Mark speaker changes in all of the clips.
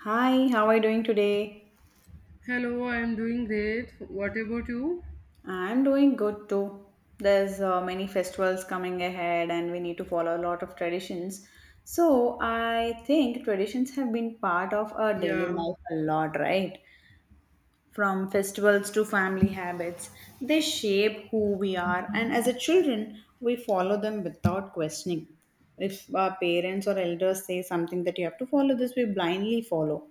Speaker 1: Hi, how are you doing today?
Speaker 2: Hello, I am doing great. What about you?
Speaker 1: I'm doing good too. There's many festivals coming ahead and we need to follow a lot of traditions. I think traditions have been part of our daily
Speaker 2: Yeah,
Speaker 1: life a lot, right? From festivals to family habits. They shape who we are, and as a children, we follow them without questioning. If our parents or elders say something that you have to follow this, we blindly follow.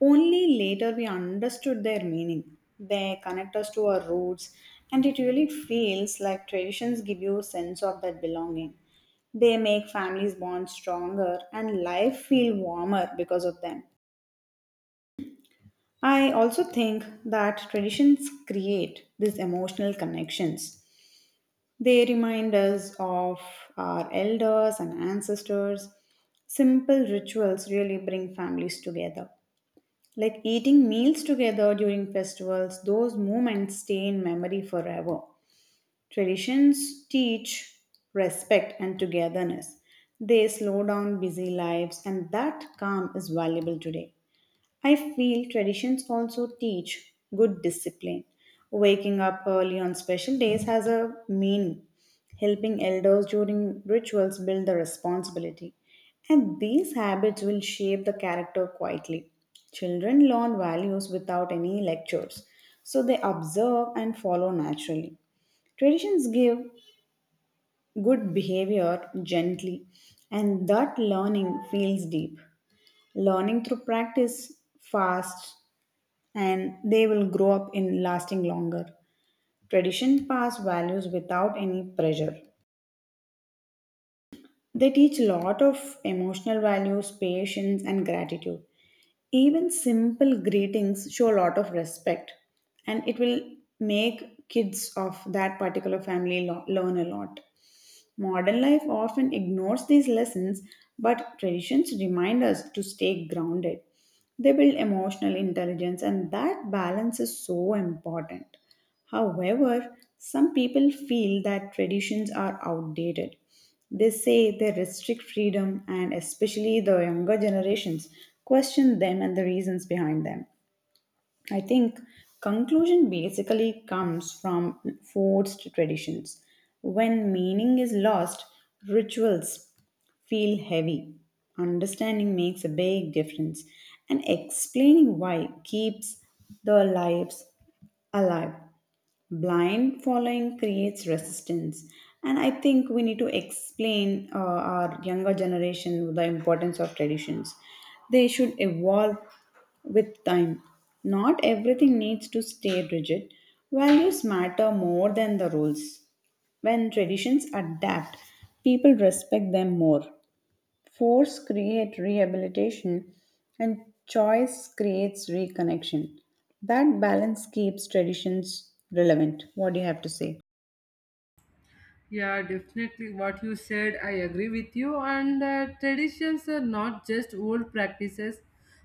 Speaker 1: Only later we understood their meaning. They connect us to our roots, and it really feels like traditions give you a sense of that belonging. They make families bond stronger and life feel warmer because of them. I also think that traditions create these emotional connections. They remind us of our elders and ancestors. Simple rituals really bring families together. Like eating meals together during festivals, those moments stay in memory forever. Traditions teach respect and togetherness. They slow down busy lives, and that calm is valuable today. I feel traditions also teach good discipline. Waking up early on special days has a meaning. Helping elders during rituals build the responsibility. And these habits will shape the character quietly. Children learn values without any lectures, so they observe and follow naturally. Traditions give good behavior gently, and that learning feels deep. Learning through practice fast, and they will grow up in lasting longer. Tradition pass values without any pressure. They teach a lot of emotional values, patience, and gratitude. Even simple greetings show a lot of respect, and it will make kids of that particular family learn a lot. Modern life often ignores these lessons, but traditions remind us to stay grounded. They build emotional intelligence, and that balance is so important. However, some people feel that traditions are outdated. They say they restrict freedom, and especially the younger generations question them and the reasons behind them. I think conclusion basically comes from forced traditions. When meaning is lost, rituals feel heavy. Understanding makes a big difference, and explaining why keeps the lives alive. Blind following creates resistance, and I think we need to explain our younger generation the importance of traditions. They should evolve with time. Not everything needs to stay rigid. Values matter more than the rules. When traditions adapt, people respect them more. Force creates rehabilitation, and choice creates reconnection. That balance keeps traditions relevant. What do you have to say?
Speaker 2: yeah, definitely. What you said, I agree with you. And traditions are not just old practices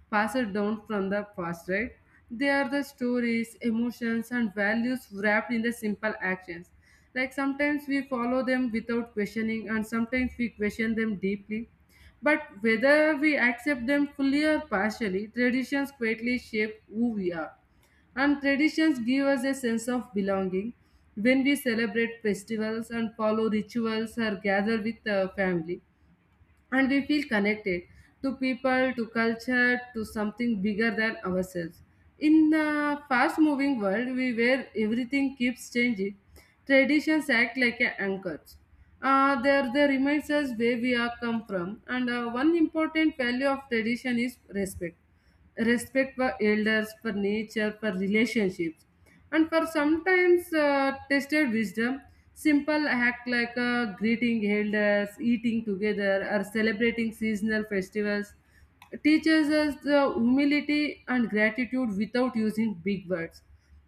Speaker 2: passed down from the past, right? They are the stories, emotions, and values wrapped in the simple actions. Like sometimes we follow them without questioning, and sometimes we question them deeply. But whether we accept them fully or partially, traditions greatly shape who we are. And traditions give us a sense of belonging when we celebrate festivals and follow rituals or gather with the family. And we feel connected to people, to culture, to something bigger than ourselves. In the fast moving world we where everything keeps changing, traditions act like a anchors. There they reminds us where we are come from and one important value of tradition is respect respect for elders, for nature, for relationships, and for sometimes tested wisdom. Simple act like greeting elders, eating together, or celebrating seasonal festivals teaches us the humility and gratitude without using big words.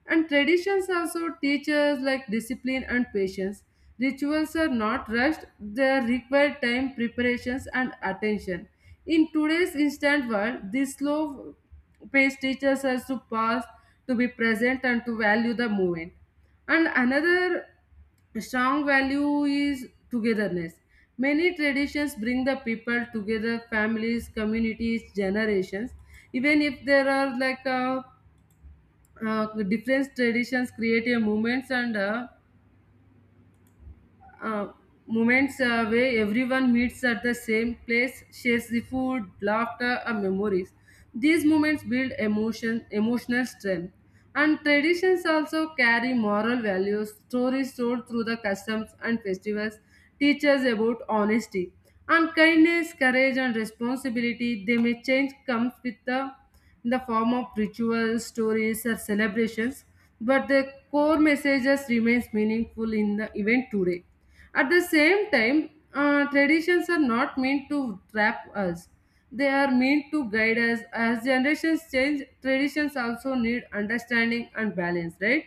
Speaker 2: And traditions also teach us like discipline and patience. Rituals are not rushed, they require time, preparations, and attention. In today's instant world, this slow pace teaches us to pause, to be present, and to value the moment. And another strong value is togetherness. Many traditions bring the people together, families, communities, generations. Even if there are like a different traditions create a movements and uh, moments where everyone meets at the same place, shares the food, laughter, and memories. These moments build emotion, emotional strength. And traditions also carry moral values. Stories told through the customs and festivals teach us about honesty and kindness, courage, and responsibility. They may change comes with the in the form of rituals, stories, or celebrations, but the core messages remains meaningful in the event today. At the same time, traditions are not meant to trap us. They are meant to guide us. As generations change, traditions also need understanding and balance, right?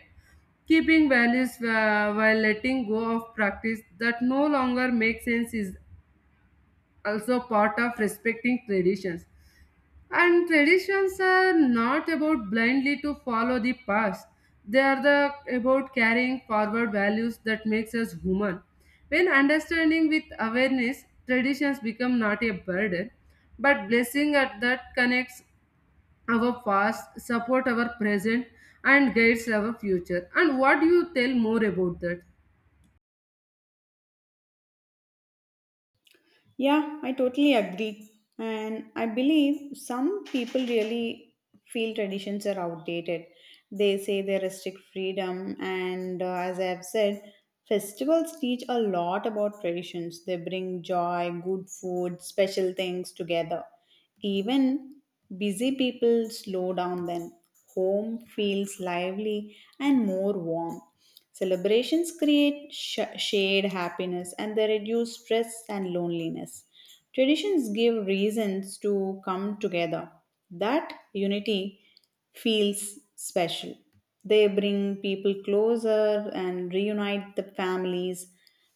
Speaker 2: Keeping values while letting go of practice that no longer makes sense is also part of respecting traditions. And traditions are not about blindly to follow the past. They are the about carrying forward values that makes us human. When understanding with awareness, traditions become not a burden, but blessing at that connects our past, support our present, and guides our future. And what do you tell more about that?
Speaker 1: Yeah, I totally agree. And I believe some people really feel traditions are outdated. They say they restrict freedom, and as I have said, festivals teach a lot about traditions. They bring joy, good food, special things together. Even busy people slow down then. Home feels lively and more warm. Celebrations create shared happiness, and they reduce stress and loneliness. Traditions give reasons to come together. That unity feels special. They bring people closer and reunite the families.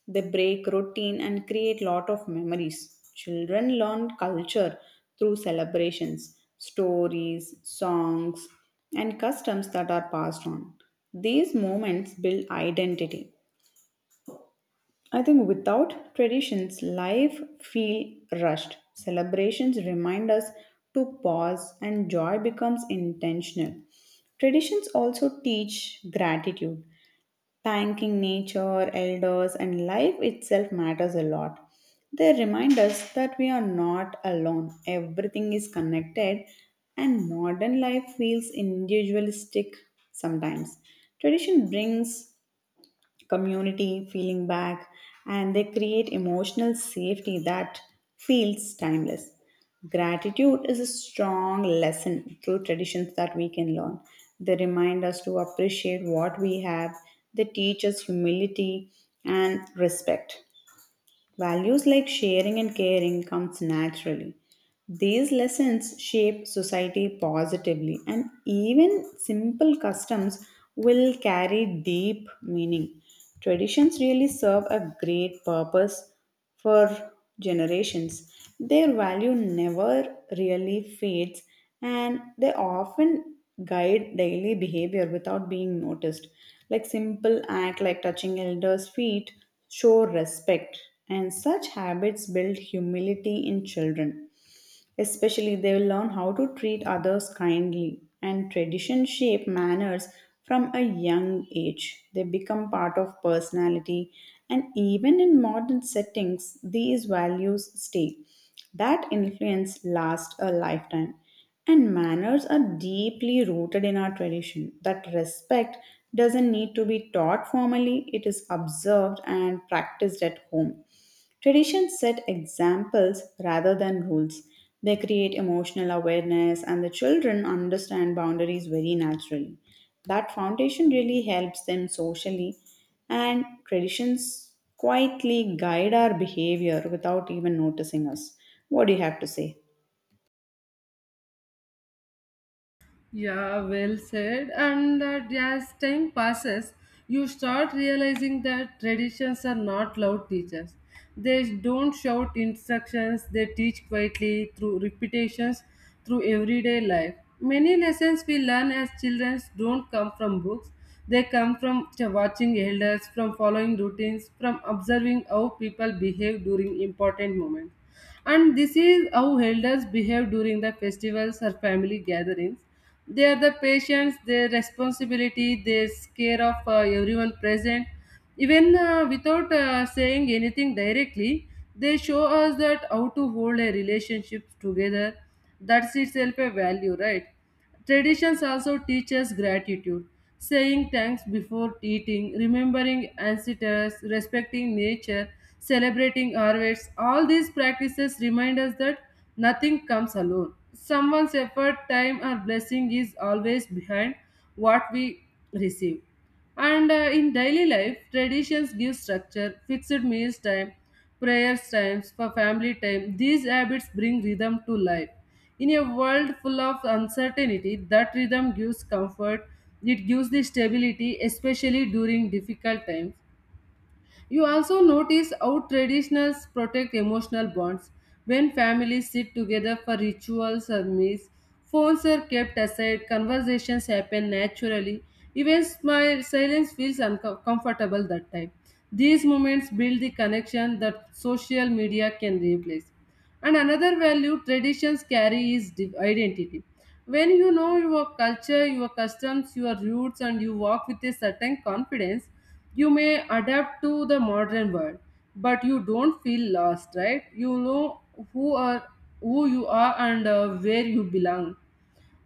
Speaker 1: They break routine and create lot of memories. Children learn culture through celebrations, stories, songs, and customs that are passed on. These moments build identity. I think without traditions, life feel rushed. Celebrations remind us to pause, and joy becomes intentional. Traditions also teach gratitude. Thanking nature, elders, and life itself matters a lot. They remind us that we are not alone, everything is connected, and modern life feels individualistic sometimes. Tradition brings community feeling back, and they create emotional safety that feels timeless. Gratitude is a strong lesson through traditions that we can learn. They remind us to appreciate what we have. They teach us humility and respect. Values like sharing and caring comes naturally. These lessons shape society positively, and even simple customs will carry deep meaning. Traditions really serve a great purpose for generations. Their value never really fades, and they often guide daily behavior without being noticed. Like simple act like touching elders' feet show respect, and such habits build humility in children. Especially, they will learn how to treat others kindly, and tradition shape manners from a young age. They become part of personality, and even in modern settings, these values stay. That influence lasts a lifetime. And manners are deeply rooted in our tradition. That respect doesn't need to be taught formally, it is observed and practiced at home. Traditions set examples rather than rules. They create emotional awareness, and the children understand boundaries very naturally. That foundation really helps them socially, and traditions quietly guide our behavior without even noticing us. What do you have to say?
Speaker 2: Yeah, well said. And that as time passes, you start realizing that traditions are not loud teachers. They don't shout instructions, they teach quietly through repetitions, through everyday life. Many lessons we learn as children don't come from books, they come from watching elders, from following routines, from observing how people behave during important moments. And this is how elders behave during the festivals or family gatherings. They are the patients, their responsibility, their care of everyone present. Even without saying anything directly, they show us that how to hold a relationship together. That's itself a value, right? Traditions also teach us gratitude, saying thanks before eating, remembering ancestors, respecting nature, celebrating harvests. All these practices remind us that nothing comes alone. Someone's effort, time, or blessing is always behind what we receive. And in daily life, traditions give structure, fixed meals time, prayers times, for family time. These habits bring rhythm to life. In a world full of uncertainty, that rhythm gives comfort. It gives the stability, especially during difficult times. You also notice how traditions protect emotional bonds. When families sit together for rituals or meals, phones are kept aside, conversations happen naturally, even smile, silence feels uncomfortable that time. These moments build the connection that social media can replace. And another value traditions carry is identity. When you know your culture, your customs, your roots, and you walk with a certain confidence, you may adapt to the modern world, but you don't feel lost, right? You know who are who you are and where you belong.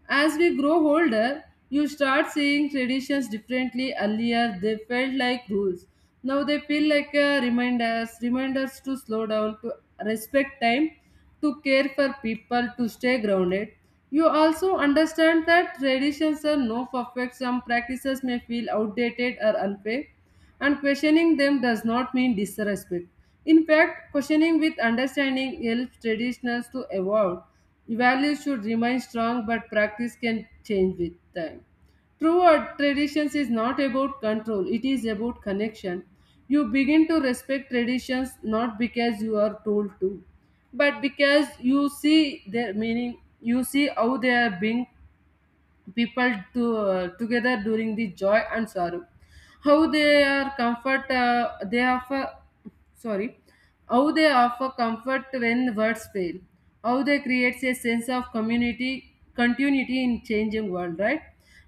Speaker 2: As we grow older, you start seeing traditions differently. Earlier, they felt like rules. Now they feel like reminders, reminders to slow down, to respect time, to care for people, to stay grounded. You also understand that traditions are no perfect. Some practices may feel outdated or unfair and questioning them does not mean disrespect. In fact, questioning with understanding helps traditions to evolve. Values should remain strong, but practice can change with time. True art traditions is not about control, it is about connection. You begin to respect traditions not because you are told to, but because you see their meaning, you see how they are being people to, together during the joy and sorrow, how they are comfort they offer sorry how they offer comfort when words fail, how they creates a sense of community, continuity in changing world, right?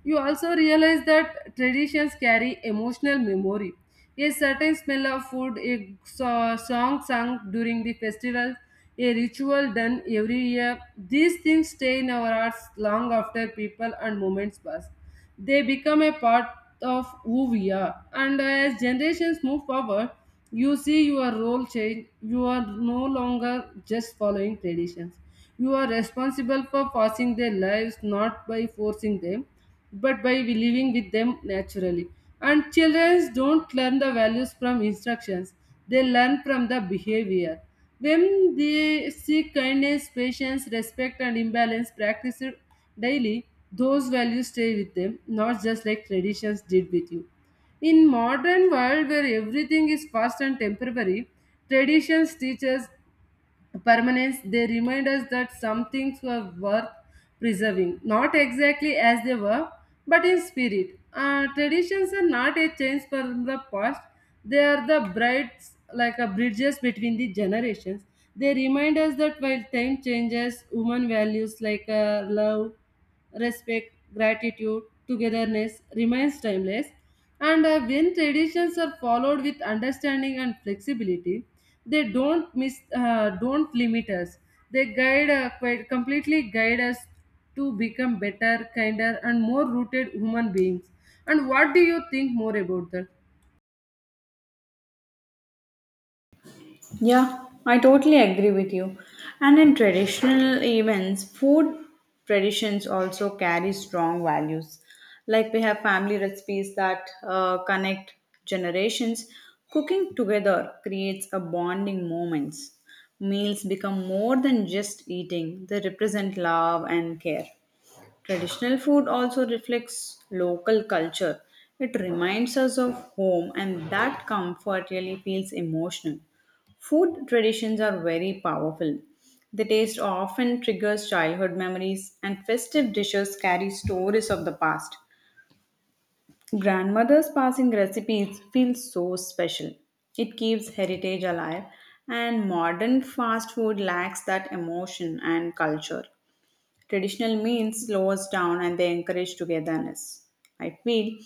Speaker 2: You also realize that traditions carry emotional memory, a certain smell of food, a song sung during the festival, a ritual done every year. These things stay in our hearts long after people and moments pass. They become a part of who we are. And as generations move forward, you see your role change. You are no longer just following traditions. You are responsible for passing their lives not by forcing them, but by living with them naturally. And children don't learn the values from instructions, they learn from the behavior. When they see kindness, patience, respect, and imbalance practiced daily, those values stay with them, not just like traditions did with you. In modern world where everything is fast and temporary, traditions teach us permanence, they remind us that some things were worth preserving, not exactly as they were, but in spirit. Traditions are not a change from the past, they are the brides, like a bridges between the generations. They remind us that while time changes, human values like love, respect, gratitude, togetherness remains timeless. And when traditions are followed with understanding and flexibility, they don't miss, don't limit us. They guide, quite completely guide us to become better, kinder, and more rooted human beings. And what do you think more about that?
Speaker 1: Yeah, I totally agree with you. And in traditional events, food traditions also carry strong values. Like we have family recipes that connect generations. Cooking together creates a bonding moments. Meals become more than just eating, they represent love and care. Traditional food also reflects local culture. It reminds us of home, and that comfort really feels emotional. Food traditions are very powerful. The taste often triggers childhood memories, and festive dishes carry stories of the past. Grandmother's passing recipes feel so special. It keeps heritage alive, and modern fast food lacks that emotion and culture. Traditional means slows down, and they encourage togetherness. I feel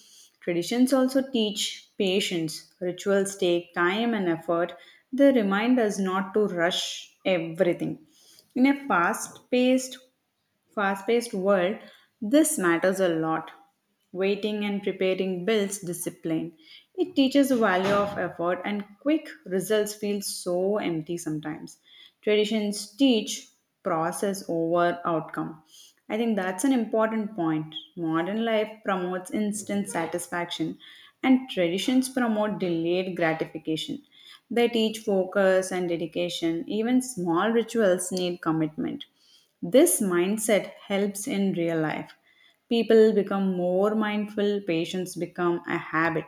Speaker 1: traditions also teach patience. Rituals take time and effort. They remind us not to rush everything. In a fast-paced world, this matters a lot. Waiting and preparing builds discipline. It teaches the value of effort, and quick results feel so empty sometimes. Traditions teach process over outcome. I think that's an important point. Modern life promotes instant satisfaction, and traditions promote delayed gratification. They teach focus and dedication. Even small rituals need commitment. This mindset helps in real life. People become more mindful, patience become a habit.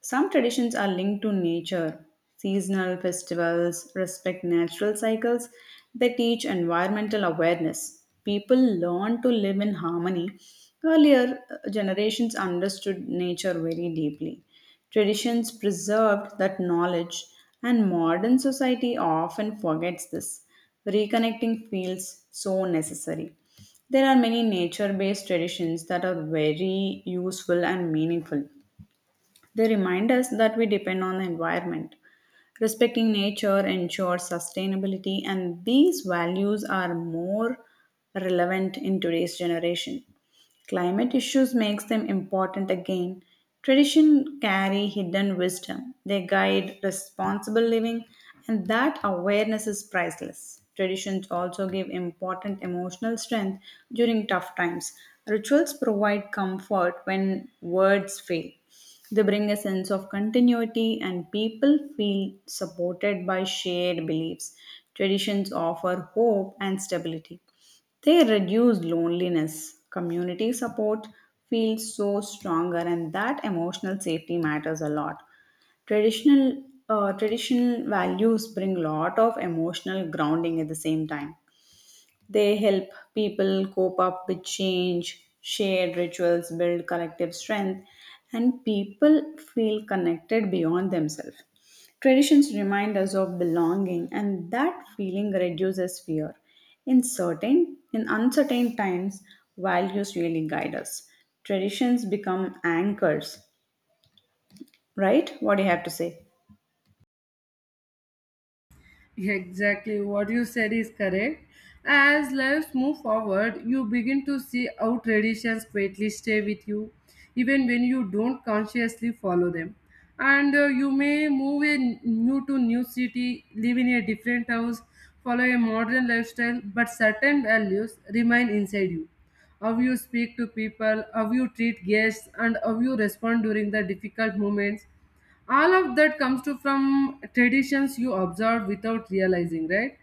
Speaker 1: Some traditions are linked to nature. Seasonal festivals respect natural cycles. They teach environmental awareness. People learn to live in harmony. Earlier generations understood nature very deeply. Traditions preserved that knowledge, and modern society often forgets this. Reconnecting feels so necessary. There are many nature based traditions that are very useful and meaningful. They remind us that we depend on the environment. Respecting nature ensures sustainability, and these values are more relevant in today's generation. Climate issues makes them important again. Tradition carry hidden wisdom. They guide responsible living, and that awareness is priceless. Traditions also give important emotional strength during tough times. Rituals provide comfort when words fail. They bring a sense of continuity, and people feel supported by shared beliefs. Traditions offer hope and stability. They reduce loneliness. Community support feels so stronger, and that emotional safety matters a lot. Traditional values bring lot of emotional grounding at the same time. They help people cope up with change, shared rituals build collective strength, and people feel connected beyond themselves. Traditions remind us of belonging, and that feeling reduces fear. In uncertain times, values really guide us. Traditions become anchors, right? What do you have to say?
Speaker 2: Exactly what you said is correct. As lives move forward, you begin to see how traditions quietly stay with you, even when you don't consciously follow them. And you may move in new to new city, live in a different house, follow a modern lifestyle, but certain values remain inside you. How you speak to people, how you treat guests, and how you respond during the difficult moments, all of that comes to from traditions you observe without realizing, right?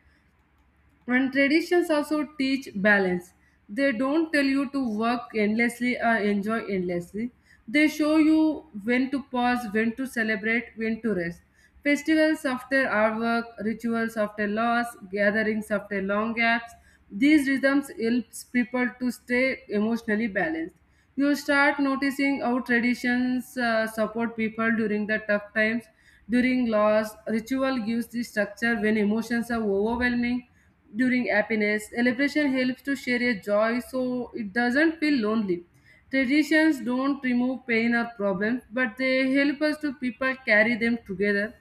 Speaker 2: And traditions also teach balance. They don't tell you to work endlessly or enjoy endlessly. They show you when to pause, when to celebrate, when to rest. Festivals after our work, rituals after loss, gatherings after long gaps. These rhythms helps people to stay emotionally balanced. You start noticing how traditions support people during the tough times. During loss, ritual gives the structure when emotions are overwhelming during happiness. Celebration helps to share a joy so it doesn't feel lonely. Traditions don't remove pain or problems, but they help us to people carry them together.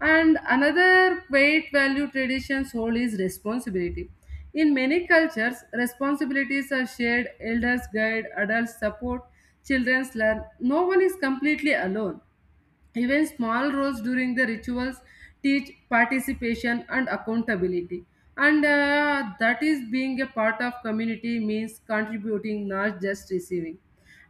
Speaker 2: And another weight value traditions hold is responsibility. In many cultures, responsibilities are shared, elders guide, adults support, children learn. No one is completely alone. Even small roles during the rituals teach participation and accountability. And that is being a part of community means contributing, not just receiving.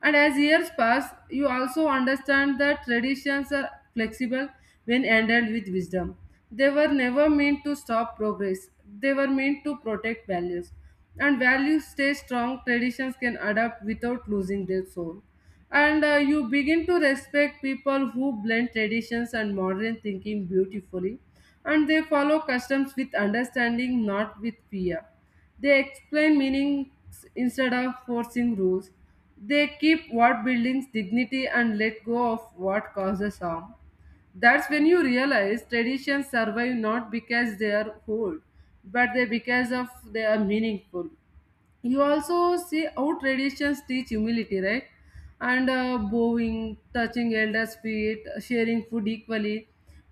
Speaker 2: And as years pass, you also understand that traditions are flexible when ended with wisdom. They were never meant to stop progress, they were meant to protect values. And values stay strong, traditions can adapt without losing their soul. And you begin to respect people who blend traditions and modern thinking beautifully, and they follow customs with understanding, not with fear. They explain meanings instead of forcing rules. They keep what builds dignity and let go of what causes harm. That's when you realize traditions survive not because they are old, but they because of they are meaningful. You also see how traditions teach humility, right? And bowing touching elders feet sharing food equally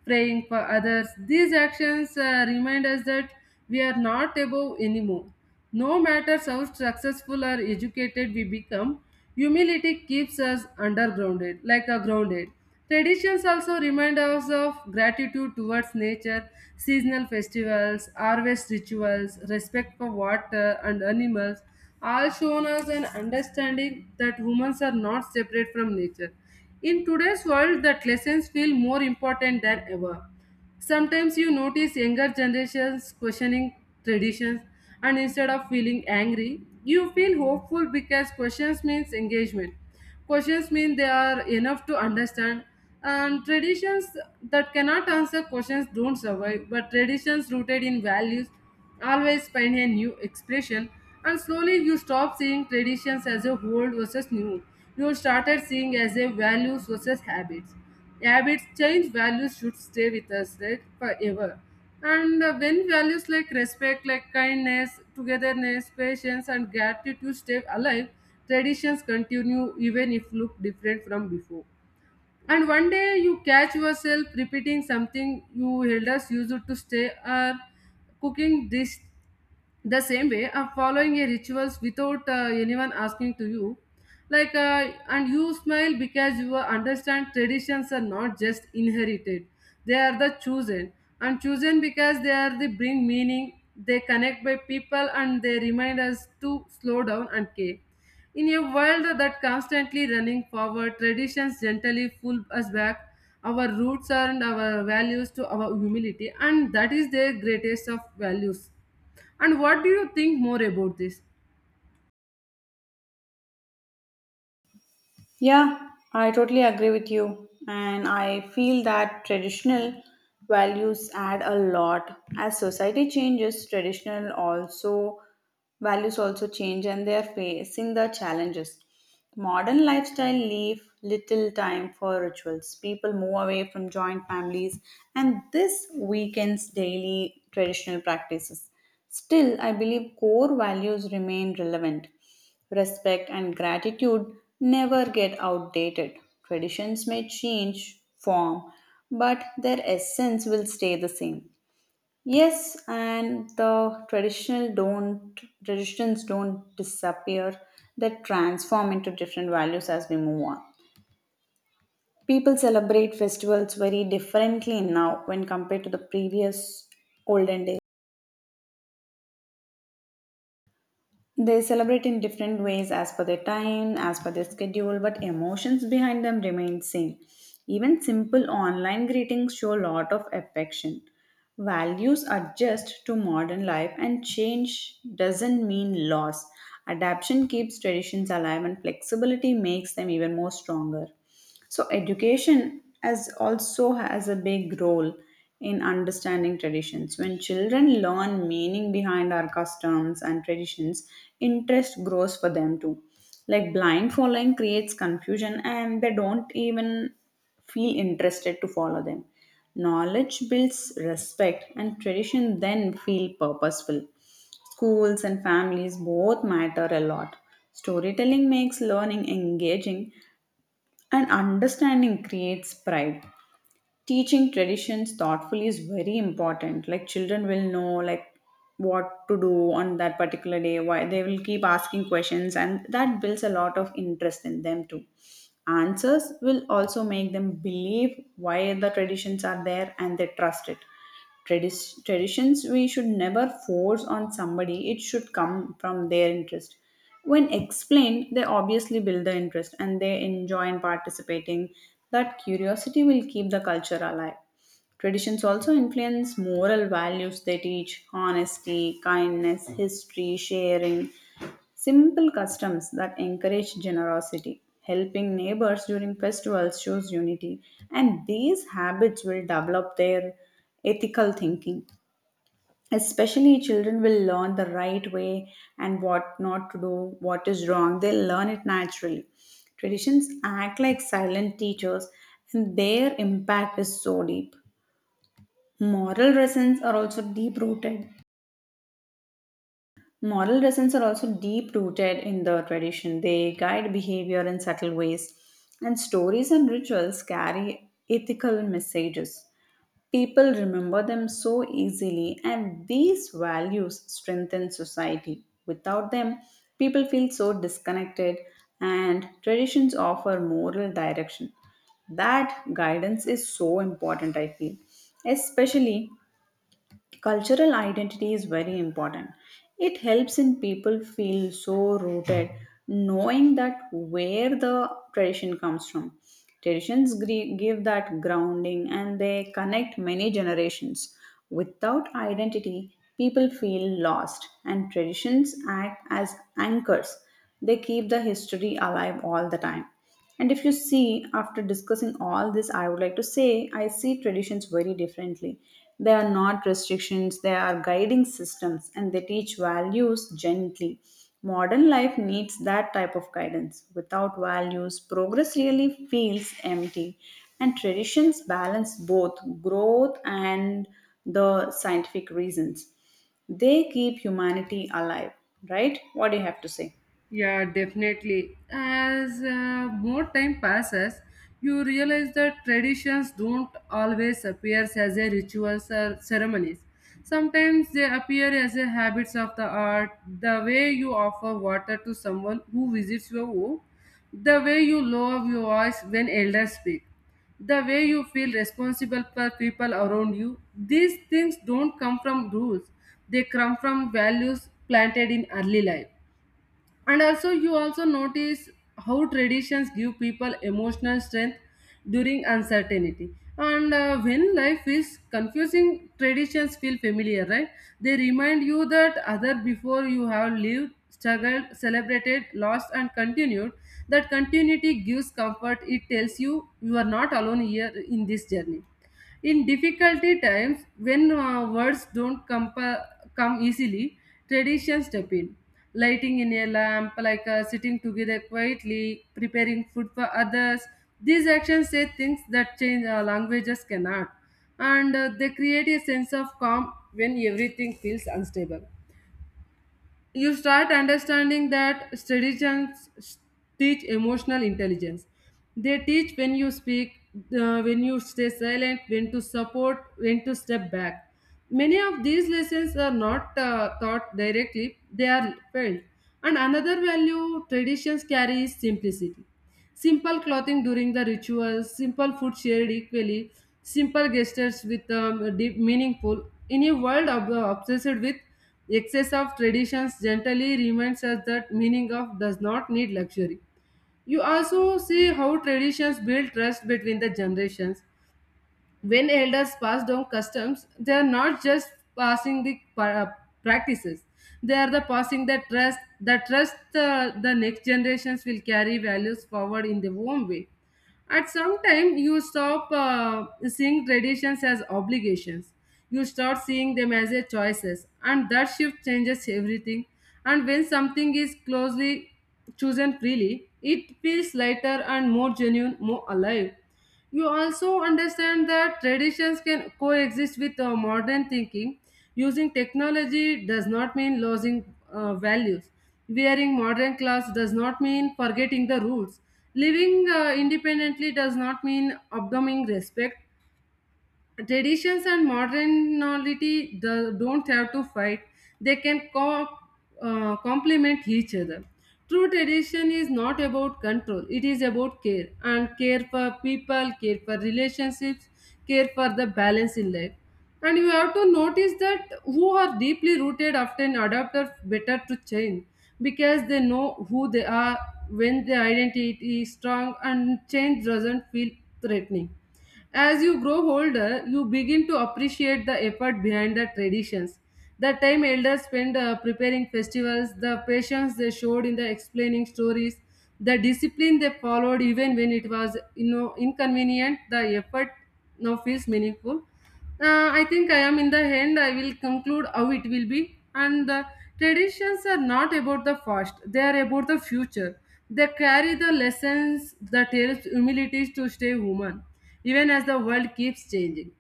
Speaker 2: praying for others, these actions remind us that we are not above anymore, no matter how successful or educated we become. Humility keeps us undergrounded like a grounded. Traditions also remind us of gratitude towards nature, seasonal festivals, harvest rituals, respect for water and animals, all shown us an understanding that humans are not separate from nature. In today's world, that lessons feel more important than ever. Sometimes you notice younger generations questioning traditions, and instead of feeling angry, you feel hopeful because questions means engagement. Questions mean they are enough to understand, and traditions that cannot answer questions don't survive, but traditions rooted in values always find a new expression, and slowly you stop seeing traditions as a old versus new. You started seeing as a values versus habits. Habits change, values should stay with us like forever. And When values like respect, like kindness, togetherness, patience and gratitude stay alive, traditions continue even if look different from before, and one day you catch yourself repeating something you elders used to stay, or cooking dish the same way of following a rituals without anyone asking to you, and you smile because you understand traditions are not just inherited, they are the chosen, and chosen because they are the bring meaning, they connect by people and they remind us to slow down and care. In a world that constantly running forward, traditions gently pull us back our roots and our values to our humility, and that is their greatest of values. And what do you think more about this?
Speaker 1: Yeah, I totally agree with you. And I feel that traditional values add a lot. As society changes, traditional also values also change, and they are facing the challenges. Modern lifestyle leave little time for rituals. People move away from joint families, and this weakens daily traditional practices. Still, I believe core values remain relevant. Respect and gratitude never get outdated. Traditions may change form, but their essence will stay the same. Yes, and the traditional don't traditions don't disappear. They transform into different values as we move on. People celebrate festivals very differently now when compared to the previous olden days. They celebrate in different ways as per their time, as per their schedule, but emotions behind them remain same. Even simple online greetings show a lot of affection. Values adjust to modern life, and change doesn't mean loss. Adaptation keeps traditions alive, and flexibility makes them even more stronger. So education as also has a big role in understanding traditions. When children learn meaning behind our customs and traditions, interest grows for them too. Like blind following creates confusion, and they don't even feel interested to follow them. Knowledge builds respect, and tradition then feel purposeful. Schools and families both matter a lot. Storytelling makes learning engaging, and understanding creates pride. Teaching traditions thoughtfully is very important. Like children will know like what to do on that particular day. Why they will keep asking questions, and that builds a lot of interest in them too. Answers will also make them believe why the traditions are there, and they trust it. Tradis Traditions we should never force on somebody, it should come from their interest. When explained, they obviously build the interest, and they enjoy in participating. That curiosity will keep the culture alive. Traditions also influence moral values. They teach honesty, kindness, history, sharing. Simple customs that encourage generosity, helping neighbors during festivals shows unity, and these habits will develop their ethical thinking. Especially, children will learn the right way and what not to do, what is wrong. They learn it naturally. Traditions act like silent teachers, and their impact is so deep. Moral lessons are also deep rooted Moral lessons are also deep rooted in the tradition. They guide behavior in subtle ways, and stories and rituals carry ethical messages. People remember them so easily, and these values strengthen society. Without them, people feel so disconnected, and traditions offer moral direction. That guidance is so important, I feel, especially. Cultural identity is very important. It helps in people feel so rooted, knowing that where the tradition comes from. Traditions give that grounding, and they connect many generations. Without identity, people feel lost, and traditions act as anchors. They keep the history alive all the time. And if you see, after discussing all this, I would like to say I see traditions very differently. They are not restrictions, they are guiding systems, and they teach values gently. Modern life needs that type of guidance. Without values, progress really feels empty. And traditions balance both growth and the scientific reasons. They keep humanity alive, right? What do you have to say?
Speaker 2: Yeah, definitely. As more time passes, you realize that traditions don't always appear as a rituals or ceremonies. Sometimes they appear as a habits of the art, the way you offer water to someone who visits your home, the way you lower your voice when elders speak, the way you feel responsible for people around you. These things don't come from rules; they come from values planted in early life, and also you also notice how traditions give people emotional strength during uncertainty. And When life is confusing, traditions feel familiar, right? They remind you that other before you have lived, struggled, celebrated, lost and continued. That continuity gives comfort, it tells you you are not alone here in this journey. In difficulty times, when words don't come easily, traditions step in. Lighting in a lamp, sitting together quietly, preparing food for others. These actions say things that change languages cannot, and they create a sense of calm when everything feels unstable. You start understanding that traditions teach emotional intelligence. They teach when you speak, when you stay silent, when to support, when to step back. Many of these lessons are not taught directly, they are felt. And another value traditions carry is simplicity. Simple clothing during the rituals, simple food shared equally, simple gestures with deep meaningful. In a world obsessed with excess of traditions, gently reminds us that meaning of does not need luxury. You also see how traditions build trust between the generations. When elders pass down customs, they are not just passing the pa- practices. They are the passing the trust. The trust, the next generations will carry values forward in their own way. At some time, you stop seeing traditions as obligations. You start seeing them as a choices, and that shift changes everything. And when something is closely chosen freely, it feels lighter and more genuine, more alive. You also understand that traditions can coexist with modern thinking. Using technology does not mean losing values. Wearing modern clothes does not mean forgetting the rules. Living independently does not mean abdomining respect. Traditions and modernity the, don't have to fight, they can complement each other. True tradition is not about control, it is about care, and care for people, care for relationships, care for the balance in life. And you have to notice that who are deeply rooted often adapt or better to change, because they know who they are. When their identity is strong, and change doesn't feel threatening. As you grow older, you begin to appreciate the effort behind the traditions. The time elders spend preparing festivals, the patience they showed in the explaining stories, the discipline they followed even when it was you know inconvenient, the effort now feels meaningful. I think I am in the end. I will conclude how it will be. And the traditions are not about the past; they are about the future. They carry the lessons that helps humility to stay human, even as the world keeps changing.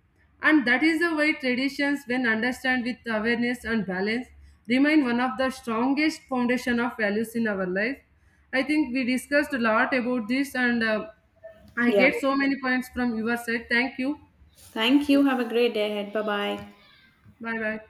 Speaker 2: And that is the way traditions, when understood with awareness and balance, remain one of the strongest foundation of values in our life. I think we discussed a lot about this, and I
Speaker 1: Yeah.
Speaker 2: get so many points from your side. Thank you.
Speaker 1: Thank you. Have a great day ahead. Bye bye.
Speaker 2: Bye bye.